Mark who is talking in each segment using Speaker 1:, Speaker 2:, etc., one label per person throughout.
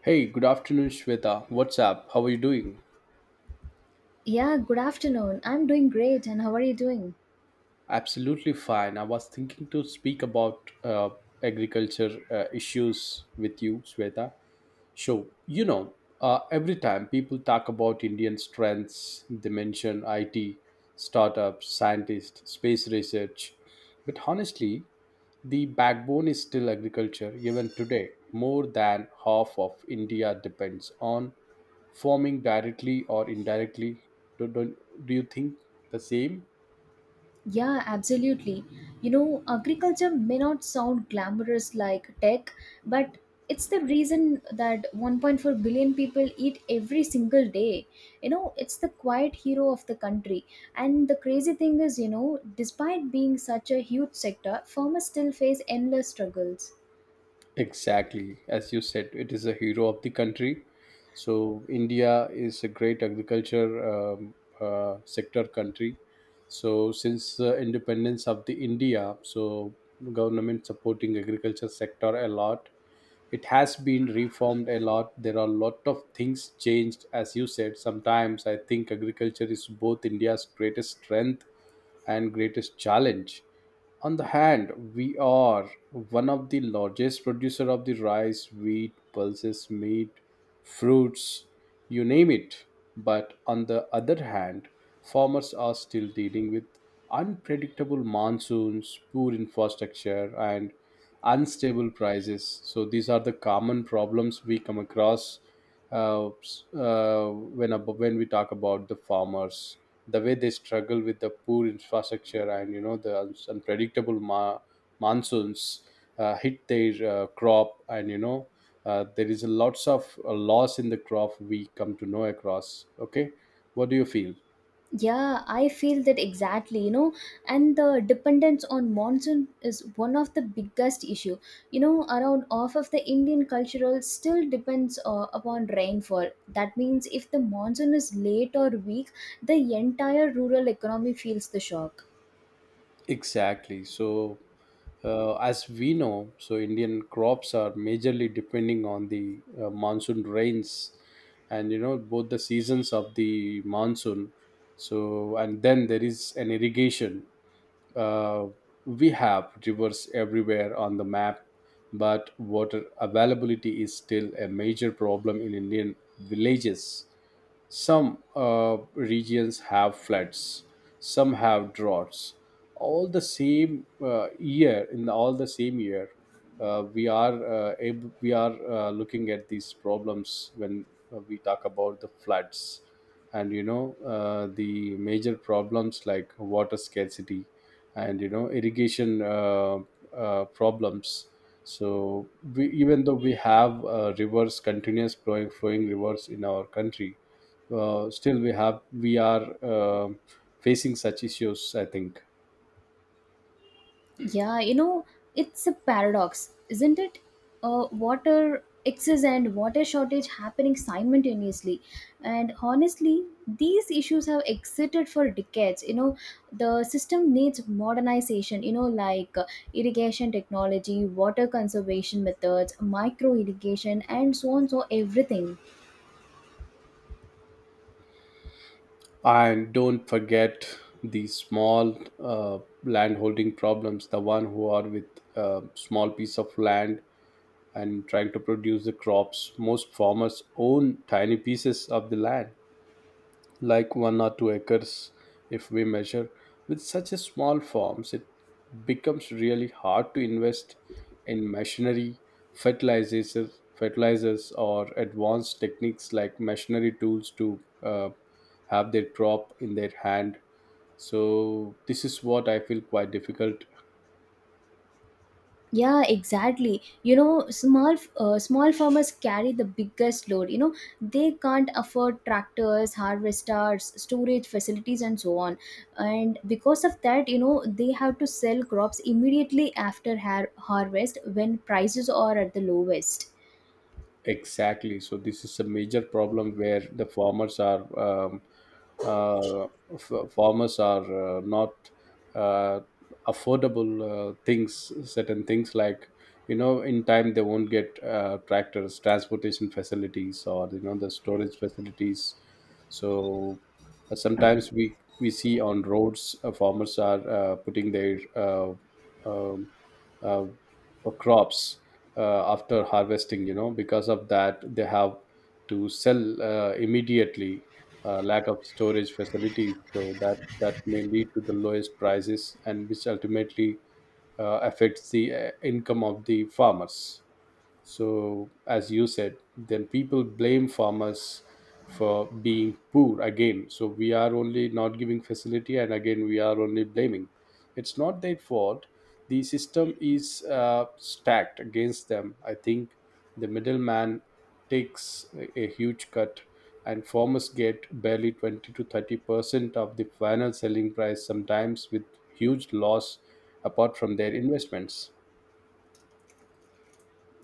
Speaker 1: Hey, good afternoon, Shweta. What's up? How are you doing?
Speaker 2: Yeah, good afternoon. I'm doing great, and how are you doing?
Speaker 1: Absolutely fine. I was thinking to speak about agriculture issues with you, Shweta. So, you know, every time people talk about Indian strengths, they mention IT, startups, scientists, space research. But honestly, the backbone is still agriculture. Even today, more than half of India depends on forming directly or indirectly. Do, do, do you think the same?
Speaker 2: Yeah, absolutely. You know, agriculture may not sound glamorous like tech, but it's the reason that 1.4 billion people eat every single day. You know, it's the quiet hero of the country. And the crazy thing is, you know, despite being such a huge sector, farmers still face endless struggles.
Speaker 1: Exactly. As you said, it is a hero of the country. So, India is a great agriculture sector country. So, since the independence of the India, so government supporting agriculture sector a lot. It has been reformed a lot. There are a lot of things changed, as you said. Sometimes I think agriculture is both India's greatest strength and greatest challenge. On the hand, we are one of the largest producer of the rice, wheat, pulses, meat, fruits, you name it. But on the other hand, farmers are still dealing with unpredictable monsoons, poor infrastructure, and unstable prices. So these are the common problems we come across, when when we talk about the farmers, the way they struggle with the poor infrastructure, and you know, the unpredictable monsoons hit their crop, and you know, there is a lots of loss in the crop we come to know across. Okay, what do you feel?
Speaker 2: Yeah, I feel that exactly, you know, and the dependence on monsoon is one of the biggest issue. You know, around half of the Indian cultural still depends upon rainfall. That means if the monsoon is late or weak, the entire rural economy feels the shock.
Speaker 1: Exactly. So as we know, so Indian crops are majorly depending on the monsoon rains, and you know, both the seasons of the monsoon. So, and then there is an irrigation. Uh, we have rivers everywhere on the map, but water availability is still a major problem in Indian villages. Some regions have floods, some have droughts. All the same year, in all the same year, we are looking at these problems when we talk about the floods, and you know, the major problems like water scarcity, and you know, irrigation problems. So we, even though we have rivers, continuous flowing rivers in our country, still we are facing such issues, I think.
Speaker 2: Yeah, you know, it's a paradox, isn't it? Water excess and water shortage happening simultaneously. And honestly, these issues have existed for decades. You know, the system needs modernization, you know, like irrigation technology, water conservation methods, micro irrigation, and so on, so everything.
Speaker 1: And don't forget the small land problems, the one who are with a small piece of land and trying to produce the crops. Most farmers own tiny pieces of the land like 1 or 2 acres if we measure. With such a small farms, it becomes really hard to invest in machinery, fertilizers, fertilizers or advanced techniques like machinery tools to have their crop in their hand. So this is what I feel quite difficult.
Speaker 2: Yeah, exactly, you know, small farmers carry the biggest load. You know, they can't afford tractors, harvesters, storage facilities, and so on. And because of that, you know, they have to sell crops immediately after harvest, when prices are at the lowest.
Speaker 1: Exactly. So this is a major problem where the farmers are uh, farmers are not uh, affordable things. Certain things like, you know, in time they won't get tractors, transportation facilities, or you know, the storage facilities. So sometimes we see on roads farmers are putting their um, uh, crops after harvesting. You know, because of that they have to sell immediately, lack of storage facilities, so that that may lead to the lowest prices, and which ultimately affects the income of the farmers. So, as you said, then people blame farmers for being poor again. So, we are only not giving facility, and again, we are only blaming. It's not their fault. The system is stacked against them. I think the middleman takes a huge cut, and farmers get barely 20 to 30% of the final selling price, sometimes with huge loss apart from their investments.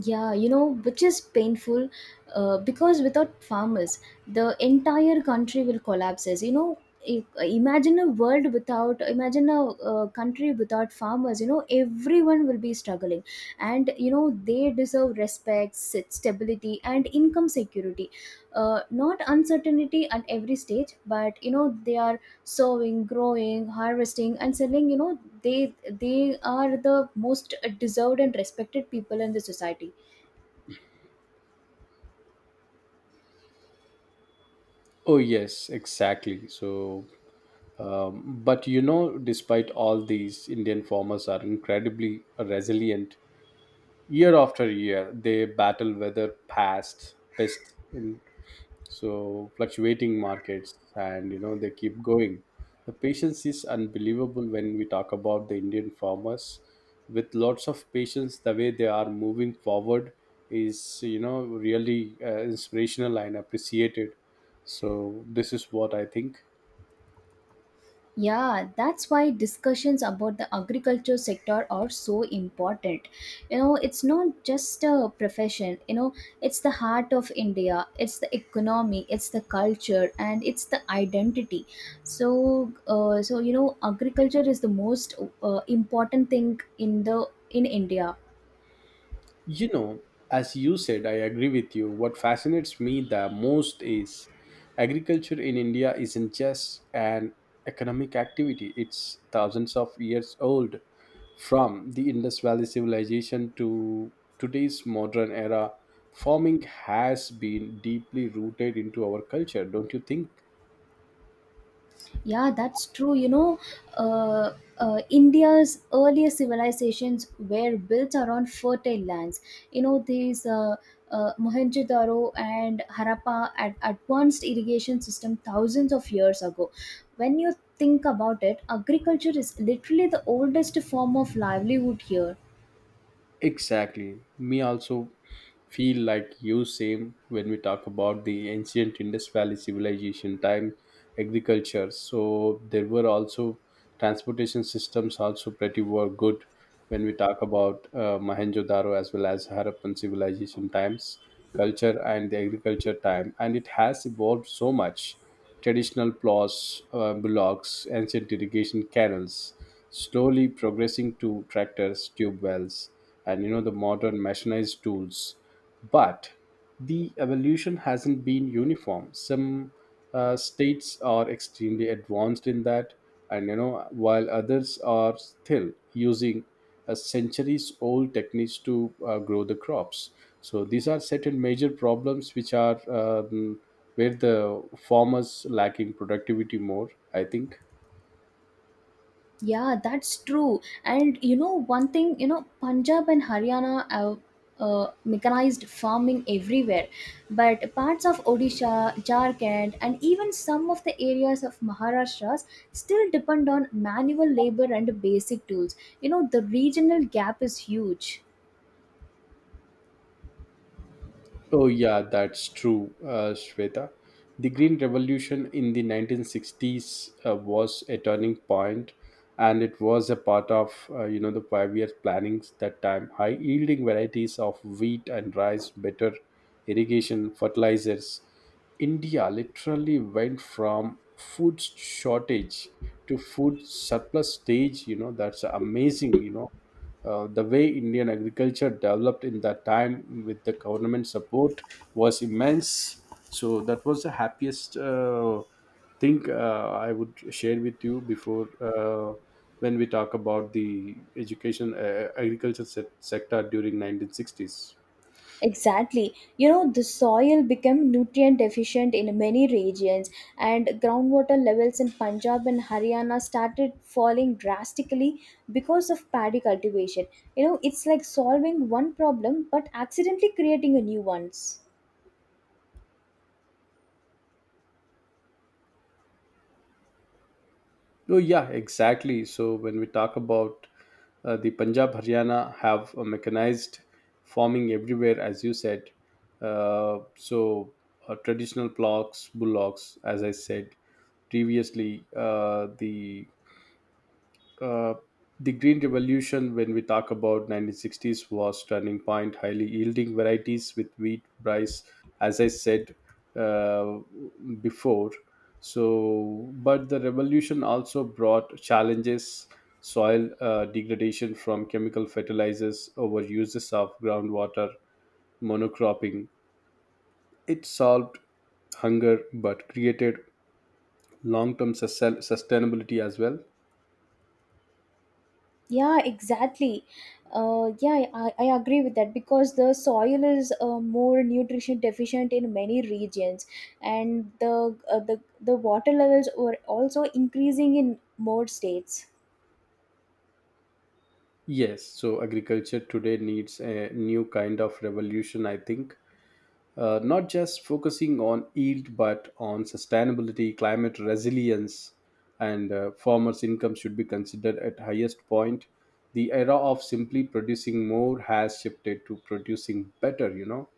Speaker 2: Yeah, you know, which is painful because without farmers, the entire country will collapse. As you know, imagine a country without farmers, you know, everyone will be struggling. And, you know, they deserve respect, stability, and income security. Not uncertainty at every stage, but, you know, they are sowing, growing, harvesting, and selling. You know, they are the most deserved and respected people in the society.
Speaker 1: Oh, yes, exactly. So, um, but you know, despite all these, Indian farmers are incredibly resilient. Year after year, they battle weather, past pests, in so fluctuating markets, and you know, they keep going. The patience is unbelievable when we talk about the Indian farmers. With lots of patience, the way they are moving forward is, you know, really inspirational and appreciated. So this is what I think.
Speaker 2: Yeah, that's why discussions about the agriculture sector are so important. You know, it's not just a profession. You know, it's the heart of India, it's the economy, it's the culture, and it's the identity. So you know, agriculture is the most important thing in the in India.
Speaker 1: You know, as you said, I agree with you. What fascinates me the most is agriculture in India isn't just an economic activity, it's thousands of years old. From the Indus Valley civilization to today's modern era, farming has been deeply rooted into our culture, don't you think?
Speaker 2: Yeah, that's true. You know, uh, India's earlier civilizations were built around fertile lands. You know, these Mohenjo-daro and Harappa had advanced irrigation system thousands of years ago. When you think about it, agriculture is literally the oldest form of livelihood here.
Speaker 1: Exactly. Me also feel like you same when we talk about the ancient Indus Valley civilization time agriculture. So there were also transportation systems also pretty were good when we talk about Mohenjo-daro as well as Harappan civilization times, culture and the agriculture time, and it has evolved so much. Traditional plows, bullocks, ancient irrigation canals, slowly progressing to tractors, tube wells, and you know, the modern mechanized tools. But the evolution hasn't been uniform. Some states are extremely advanced in that, and you know, while others are still using centuries-old techniques to grow the crops. So these are certain major problems which are, where the farmers lacking productivity more, I think.
Speaker 2: Yeah, that's true. And you know, one thing, you know, Punjab and Haryana have mechanized farming everywhere, but parts of Odisha, Jharkhand, and even some of the areas of Maharashtra still depend on manual labor and basic tools. You know, the regional gap is huge.
Speaker 1: Oh yeah, that's true, Shweta. The green revolution in the 1960s was a turning point, and it was a part of, you know, the 5 year plannings that time. High yielding varieties of wheat and rice, better irrigation, fertilizers. India literally went from food shortage to food surplus stage. You know, that's amazing. You know, the way Indian agriculture developed in that time with the government support was immense. So that was the happiest thing I would share with you before, when we talk about the education agriculture sector during 1960s.
Speaker 2: Exactly. You know, the soil became nutrient deficient in many regions, and groundwater levels in Punjab and Haryana started falling drastically because of paddy cultivation. You know, it's like solving one problem but accidentally creating a new ones.
Speaker 1: Oh yeah, exactly. So when we talk about the Punjab, Haryana have a mechanized farming everywhere, as you said. So traditional plots, bullocks, as I said previously, uh, the Green Revolution, when we talk about 1960s, was turning point. Highly yielding varieties with wheat, rice, as I said, uh, before. So, but the revolution also brought challenges: soil degradation from chemical fertilizers, over uses of groundwater, monocropping. It solved hunger, but created long-term sustainability as well.
Speaker 2: Yeah, exactly. Yeah, I agree with that because the soil is more nutrition deficient in many regions, and the water levels were also increasing in more states.
Speaker 1: Yes, so agriculture today needs a new kind of revolution, I think. Not just focusing on yield, but on sustainability, climate resilience, and farmers' income should be considered at highest point. The era of simply producing more has shifted to producing better, you know.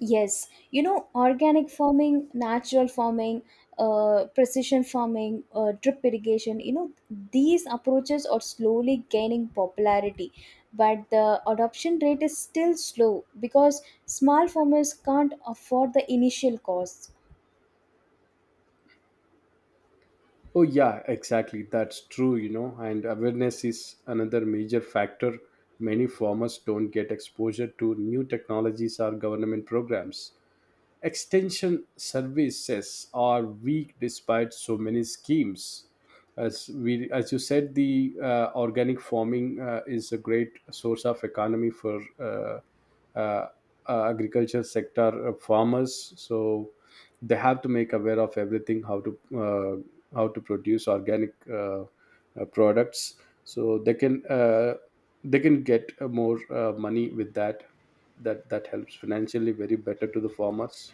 Speaker 2: Yes, you know, organic farming, natural farming, precision farming, drip irrigation, you know, these approaches are slowly gaining popularity, but the adoption rate is still slow because small farmers can't afford the initial costs.
Speaker 1: Oh, yeah, exactly. That's true, you know. And awareness is another major factor. Many farmers don't get exposure to new technologies or government programs. Extension services are weak despite so many schemes. As we, as you said, the organic farming is a great source of economy for uh, agriculture sector farmers. So they have to make aware of everything, how to produce organic products. So they can get more money with that. That helps financially very better to the farmers.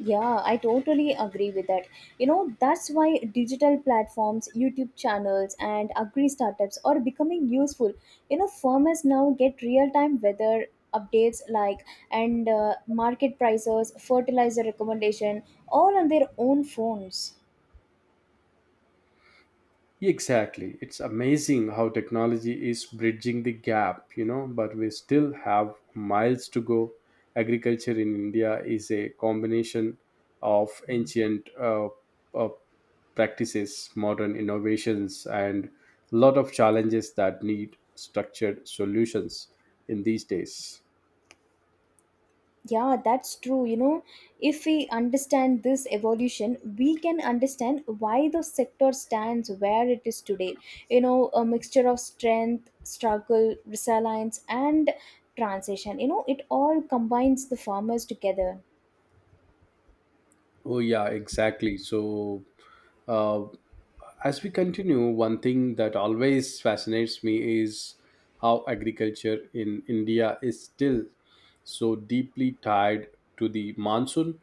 Speaker 2: Yeah, I totally agree with that. You know, that's why digital platforms, YouTube channels, and agri startups are becoming useful. You know, farmers now get real time weather updates like and market prices, fertilizer recommendation, all on their own phones.
Speaker 1: Exactly. It's amazing how technology is bridging the gap, you know, but we still have miles to go. Agriculture in India is a combination of ancient uh, practices, modern innovations, and a lot of challenges that need structured solutions in these days.
Speaker 2: Yeah, that's true. You know, if we understand this evolution, we can understand why the sector stands where it is today. You know, a mixture of strength, struggle, resilience, and transition. You know, it all combines the farmers together.
Speaker 1: Oh, yeah, exactly. So, uh, as we continue, one thing that always fascinates me is how agriculture in India is still so deeply tied to the monsoon.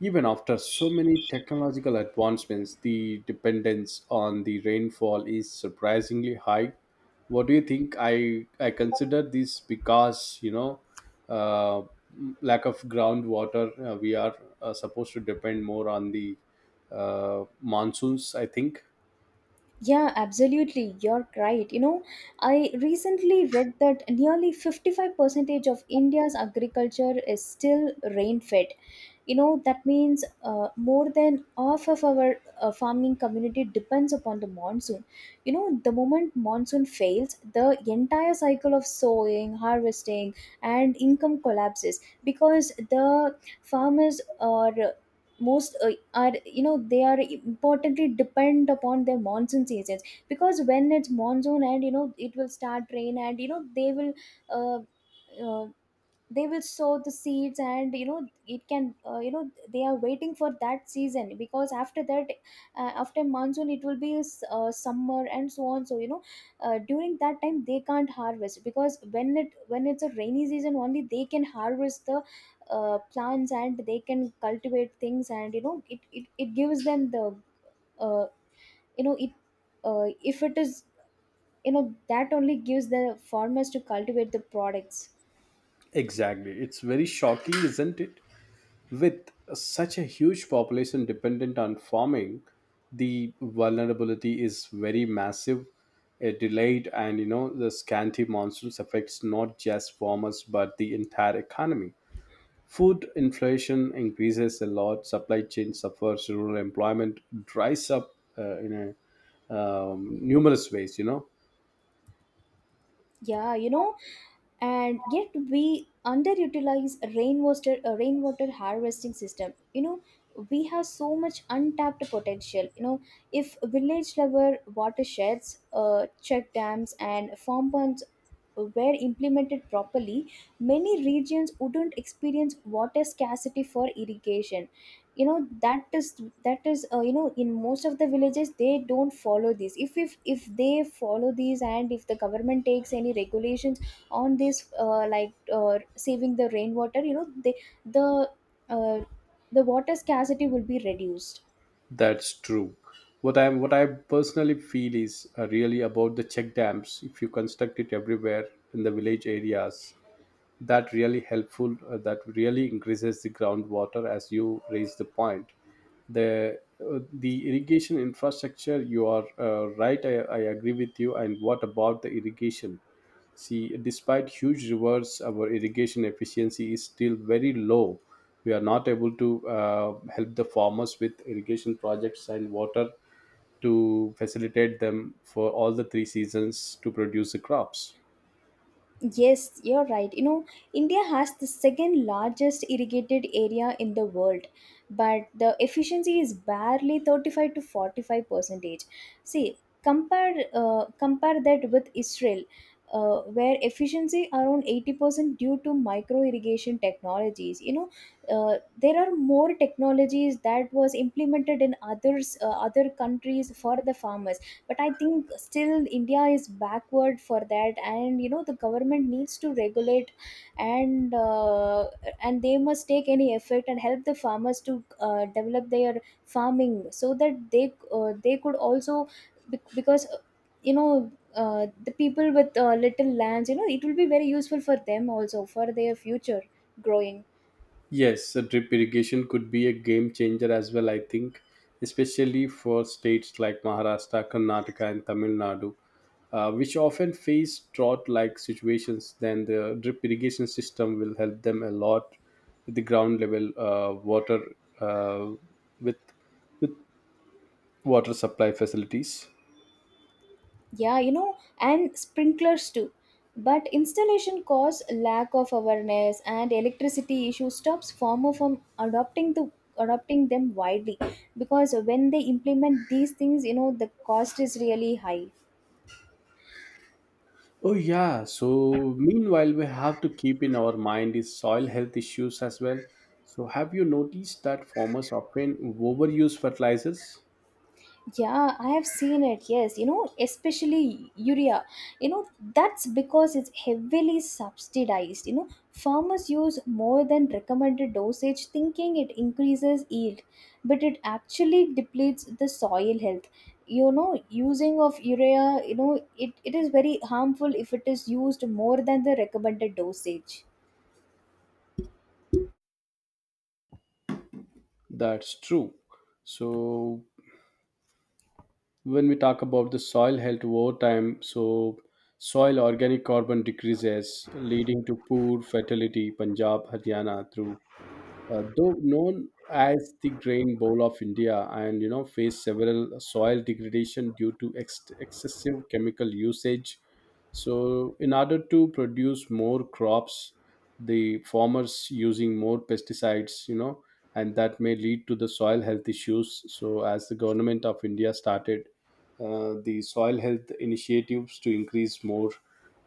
Speaker 1: Even after so many technological advancements, the dependence on the rainfall is surprisingly high. What do you think? I consider this because you know, uh, lack of groundwater. We are supposed to depend more on the monsoons, I think.
Speaker 2: Yeah, absolutely. You're right. You know, I recently read that nearly 55 percentage of India's agriculture is still rain fed. You know, that means more than half of our farming community depends upon the monsoon. You know, the moment monsoon fails, the entire cycle of sowing, harvesting, and income collapses because the farmers are most are, you know, they are importantly depend upon their monsoon seasons, because when it's monsoon and you know it will start rain, and you know uh, uh, they will sow the seeds. And you know it can you know they are waiting for that season, because after that after monsoon it will be summer and so on. So you know, during that time they can't harvest, because when it's a rainy season only they can harvest the plants and they can cultivate things. And you know it gives them the uh, you know it if it is, you know, that only gives the farmers to cultivate the products.
Speaker 1: Exactly. It's very shocking, isn't it? With such a huge population dependent on farming, the vulnerability is very massive. A delayed and you know, the scanty monsoons affects not just farmers but the entire economy. Food inflation increases a lot. Supply chain suffers. Rural employment dries up in a, numerous ways, you know.
Speaker 2: Yeah, you know, and yet we underutilize rainwater harvesting system. You know, we have so much untapped potential. You know, if village level watersheds, check dams, and farm ponds were implemented properly, many regions wouldn't experience water scarcity for irrigation. You know, that is, you know, in most of the villages they don't follow this. If they follow these, and if the government takes any regulations on this, like saving the rainwater, you know, the uh, the water scarcity will be reduced.
Speaker 1: That's true. What I personally feel is really about the check dams. If you construct it everywhere in the village areas, that really helpful, that really increases the groundwater, as you raise the point, the irrigation infrastructure, you are right. I agree with you. And what about the irrigation? See, despite huge rivers, our irrigation efficiency is still very low. We are not able to help the farmers with irrigation projects and water to facilitate them for all the three seasons to produce the crops.
Speaker 2: Yes, you're right. You know, India has the second largest irrigated area in the world, but the efficiency is barely 35 to 45 percentage. See, compare that with Israel, where efficiency around 80% due to micro irrigation technologies. You know, there are more technologies that was implemented in other countries for the farmers. But I think still India is backward for that, and you know the government needs to regulate and uh, and they must take any effort and help the farmers to develop their farming, so that they could also bec- because you know the people with little lands, you know, it will be very useful for them also for their future growing.
Speaker 1: Yes, a drip irrigation could be a game changer as well, I think, especially for states like Maharashtra, Karnataka, and Tamil Nadu, which often face drought like situations. Then the drip irrigation system will help them a lot with the ground level water, uh, with, with water supply facilities.
Speaker 2: Yeah, you know, and sprinklers too. But installation costs, lack of awareness, and electricity issue stops farmer from adopting them widely, because when they implement these things, you know, the cost is really high.
Speaker 1: Oh yeah. So meanwhile, we have to keep in our mind is soil health issues as well. So have you noticed that farmers often overuse fertilizers?
Speaker 2: Yeah, I have seen it. Yes, you know, especially urea. You know, that's because it's heavily subsidized. You know, farmers use more than recommended dosage thinking it increases yield, but it actually depletes the soil health. You know, using of urea, you know, it is very harmful if it is used more than the recommended dosage.
Speaker 1: That's true. So when we talk about the soil health over time, so soil organic carbon decreases, leading to poor fertility. Punjab, Haryana, through though known as the grain bowl of India, and you know faced several soil degradation due to excessive chemical usage. So in order to produce more crops, the farmers using more pesticides, you know, and that may lead to the soil health issues. So as the government of India started the soil health initiatives to increase more,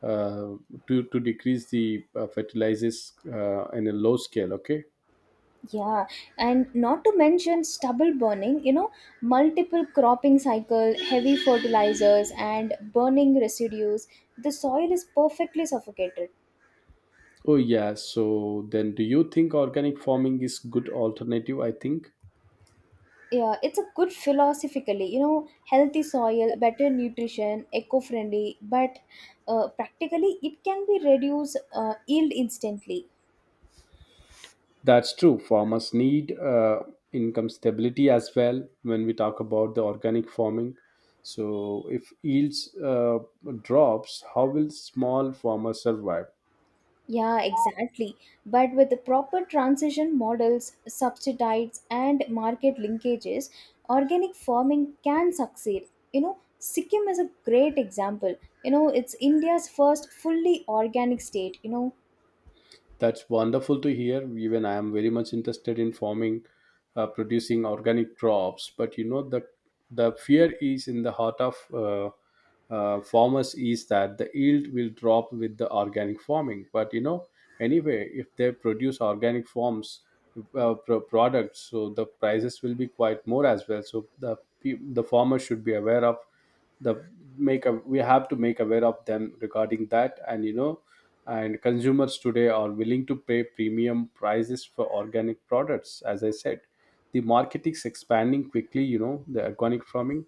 Speaker 1: uh, to decrease the fertilizers in a low scale, okay.
Speaker 2: Yeah, and not to mention stubble burning, you know, multiple cropping cycle, heavy fertilizers, and burning residues. The soil is perfectly suffocated.
Speaker 1: Oh yeah, so then do you think organic farming is good alternative? I think
Speaker 2: Yeah, it's a good philosophically, you know, healthy soil, better nutrition, eco friendly, but practically it can be reduce yield instantly.
Speaker 1: that's true. Farmers need income stability as well when we talk about the organic farming. So if yields drops, how will small farmers survive?
Speaker 2: Yeah, exactly. But with the proper transition models, subsidies, and market linkages, organic farming can succeed. You know, Sikkim is a great example. You know, it's India's first fully organic state. You know,
Speaker 1: That's wonderful to hear. Even I am very much interested in farming, producing organic crops. But you know the fear is in the heart of farmers is that the yield will drop with the organic farming. But you know anyway, if they produce organic forms products, so the prices will be quite more as well. So the farmer should be aware of the make a We have to make aware of them regarding that. And you know and consumers today are willing to pay premium prices for organic products. As I said, the market is expanding quickly, you know, the organic farming.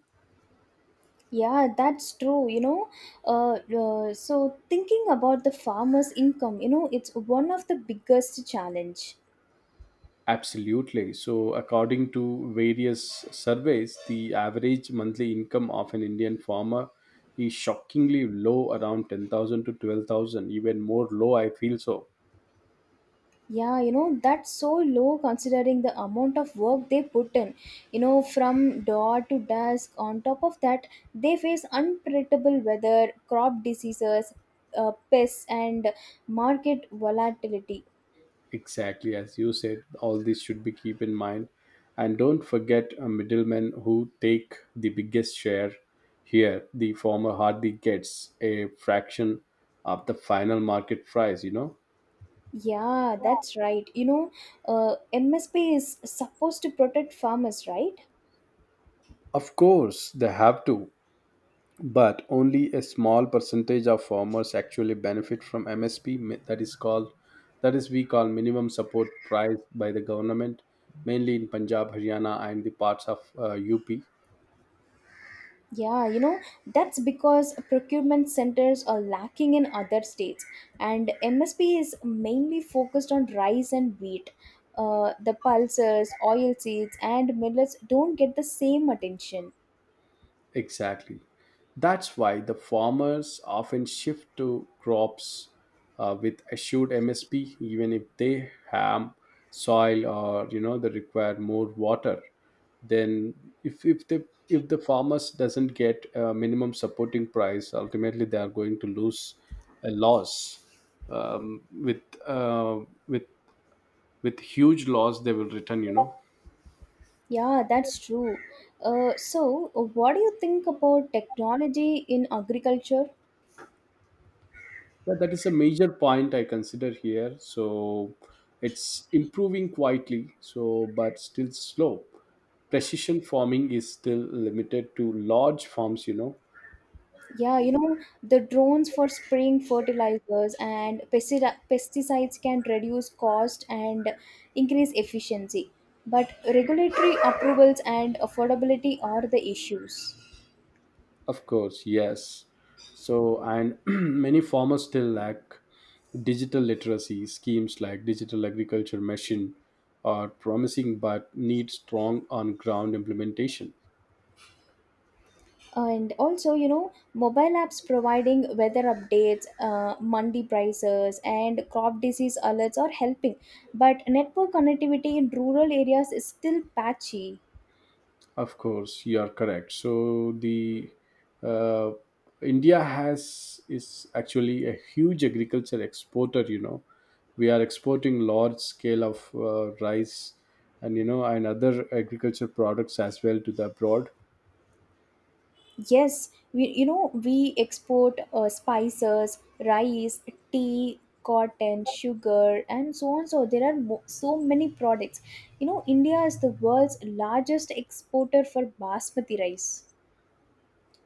Speaker 2: yeah, that's true. You know, so thinking about the farmer's income, you know, it's one of the biggest challenge.
Speaker 1: Absolutely. So according to various surveys, the average monthly income of an Indian farmer is shockingly low, around 10,000 to 12,000, even more low I feel. So
Speaker 2: Yeah, you know, that's so low considering the amount of work they put in. You know, from door to dusk. On top of that, they face unpredictable weather, crop diseases, pests, and market volatility.
Speaker 1: exactly as you said, all this should be keep in mind, and don't forget a middlemen who take the biggest share. Here, the farmer hardly gets a fraction of the final market price. You know,
Speaker 2: Yeah, that's right. You know, MSP is supposed to protect farmers, right?
Speaker 1: of course they have to, but only a small percentage of farmers actually benefit from MSP. That is called, that is we call minimum support price by the government, mainly in Punjab, Haryana, and the parts of UP.
Speaker 2: Yeah, you know, that's because procurement centers are lacking in other states, and MSP is mainly focused on rice and wheat. The pulses, oilseeds, and millets don't get the same attention.
Speaker 1: Exactly. That's why the farmers often shift to crops with assured MSP, even if they have soil, or you know they require more water. Then, if the farmers doesn't get a minimum supporting price, ultimately they are going to lose a loss, um, with uh, with with huge loss they will return. You know.
Speaker 2: Yeah, that's true. So, what do you think about technology in agriculture?
Speaker 1: Yeah, that is a major point I consider here. So it's improving quietly, so but still slow. Precision farming is still limited to large farms, you know.
Speaker 2: Yeah, you know, the drones for spraying fertilizers and pesticides can reduce cost and increase efficiency. But regulatory approvals and affordability are the issues.
Speaker 1: Of course, yes. So and many farmers still lack digital literacy. Schemes like digital agriculture machine are promising but need strong on ground implementation.
Speaker 2: And also, you know, mobile apps providing weather updates, mandi prices, and crop disease alerts are helping. But network connectivity in rural areas is still patchy.
Speaker 1: Of course, you are correct. So the uh, India has is actually a huge agriculture exporter. You know, we are exporting large scale of rice and you know and other agriculture products as well to the abroad.
Speaker 2: Yes, we, you know, we export spices, rice, tea, cotton, sugar, and so on. So there are so many products. You know, India is the world's largest exporter for basmati rice.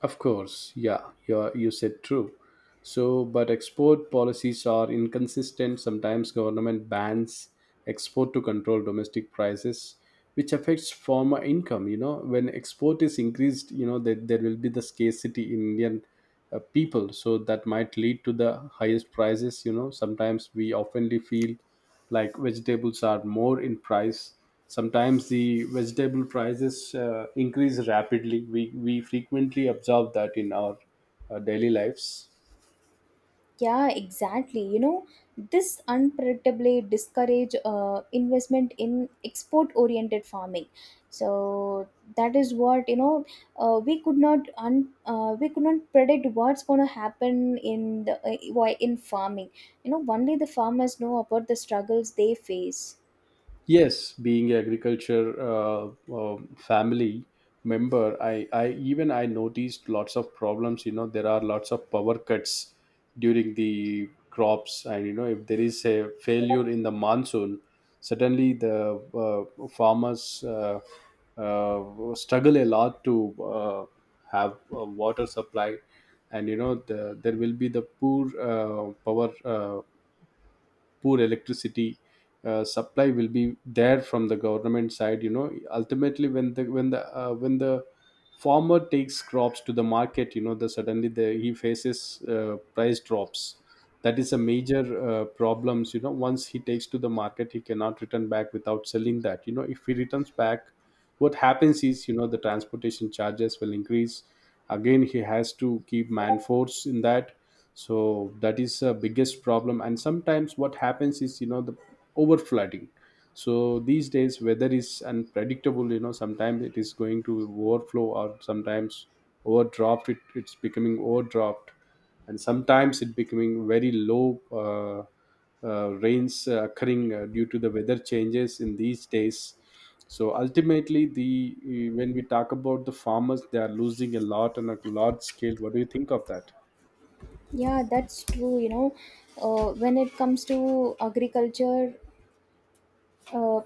Speaker 1: Of course, yeah, you said true. So, but export policies are inconsistent. Sometimes government bans export to control domestic prices, which affects farmer income. You know, when export is increased, you know that there will be the scarcity in Indian people, so that might lead to the highest prices. You know, sometimes we oftenly feel like vegetables are more in price. Sometimes the vegetable prices increase rapidly. We frequently observe that in our daily lives.
Speaker 2: Yeah, exactly. You know, this unpredictably discourage investment in export-oriented farming. So that is what, you know. We could not predict what's going to happen in the why in farming. You know, only the farmers know about the struggles they face.
Speaker 1: Yes, being agriculture family member, I noticed lots of problems. You know, there are lots of power cuts during the crops, and you know, if there is a failure in the monsoon, suddenly the farmers struggle a lot to have water supply, and you know, there will be the poor power. Poor electricity supply will be there from the government side. You know, ultimately, when the farmer takes crops to the market, you know, the suddenly he faces price drops. That is a major problems. You know, once he takes to the market, he cannot return back without selling that. You know, if he returns back, what happens is, you know, the transportation charges will increase. Again, he has to keep man force in that. So that is a biggest problem. And sometimes what happens is, you know, the over flooding. So these days weather is unpredictable. You know, sometimes it is going to overflow, or sometimes overdropped. It's becoming overdropped, and sometimes it becoming very low. Rains occurring due to the weather changes in these days. So ultimately, when we talk about the farmers, they are losing a lot on a large scale. What do you think of that?
Speaker 2: Yeah, that's true. You know, when it comes to agriculture, uh,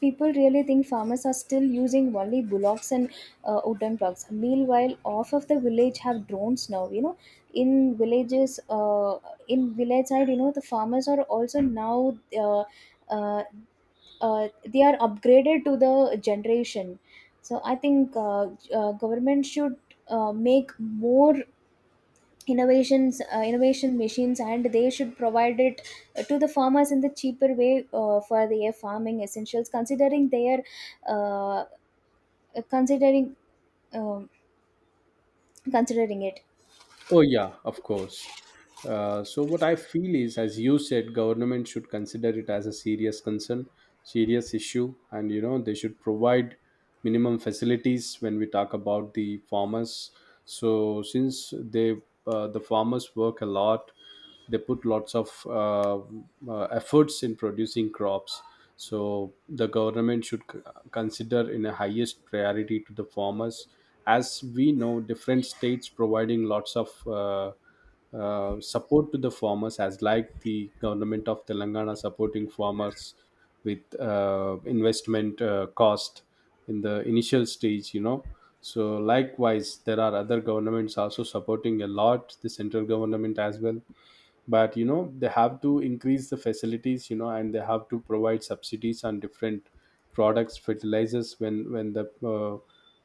Speaker 2: people really think farmers are still using only bullocks and wooden plugs. Meanwhile, half of the village have drones now. You know, in villages, in village side, you know, the farmers are also now uh, they are upgraded to the generation. So I think government should make more innovations, innovation machines, and they should provide it to the farmers in the cheaper way for their farming essentials, considering their uh, considering um, considering it.
Speaker 1: Oh yeah, of course. So what I feel is, as you said, government should consider it as a serious concern, serious issue, and you know they should provide minimum facilities when we talk about the farmers. So since they the farmers work a lot, they put lots of efforts in producing crops. So the government should consider in a highest priority to the farmers. As we know, different states providing lots of support to the farmers, as like the government of Telangana supporting farmers with investment cost in the initial stage, you know. So likewise, there are other governments also supporting a lot, the central government as well. But you know they have to increase the facilities, you know, and they have to provide subsidies on different products, fertilizers, when when the uh,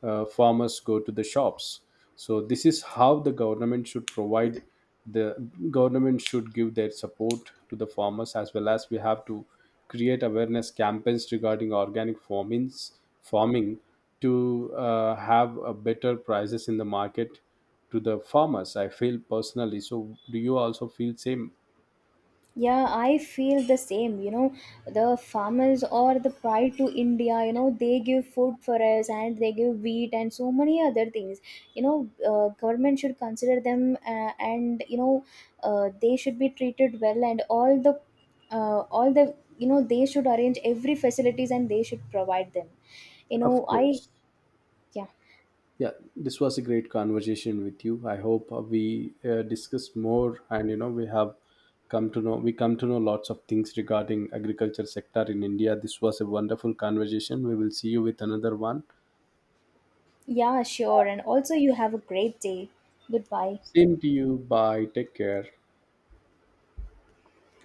Speaker 1: uh, farmers go to the shops. So this is how the government should provide the government should give their support to the farmers. As well, as we have to create awareness campaigns regarding organic farming to have a better prices in the market to the farmers, I feel personally. So do you also feel same?
Speaker 2: Yeah, I feel the same. You know, the farmers or the pride to India, you know, they give food for us, and they give wheat and so many other things. You know, government should consider them and, you know, they should be treated well and all the, you know, they should arrange every facilities and they should provide them. You
Speaker 1: Of
Speaker 2: know, I,
Speaker 1: course.
Speaker 2: yeah,
Speaker 1: Yeah, this was a great conversation with you. I hope we discuss more, and you know we have come to know we come to know lots of things regarding agriculture sector in India. This was a wonderful conversation. We will see you with another one.
Speaker 2: yeah, sure. And also, you have a great day. Goodbye.
Speaker 1: Same to you, bye, take care.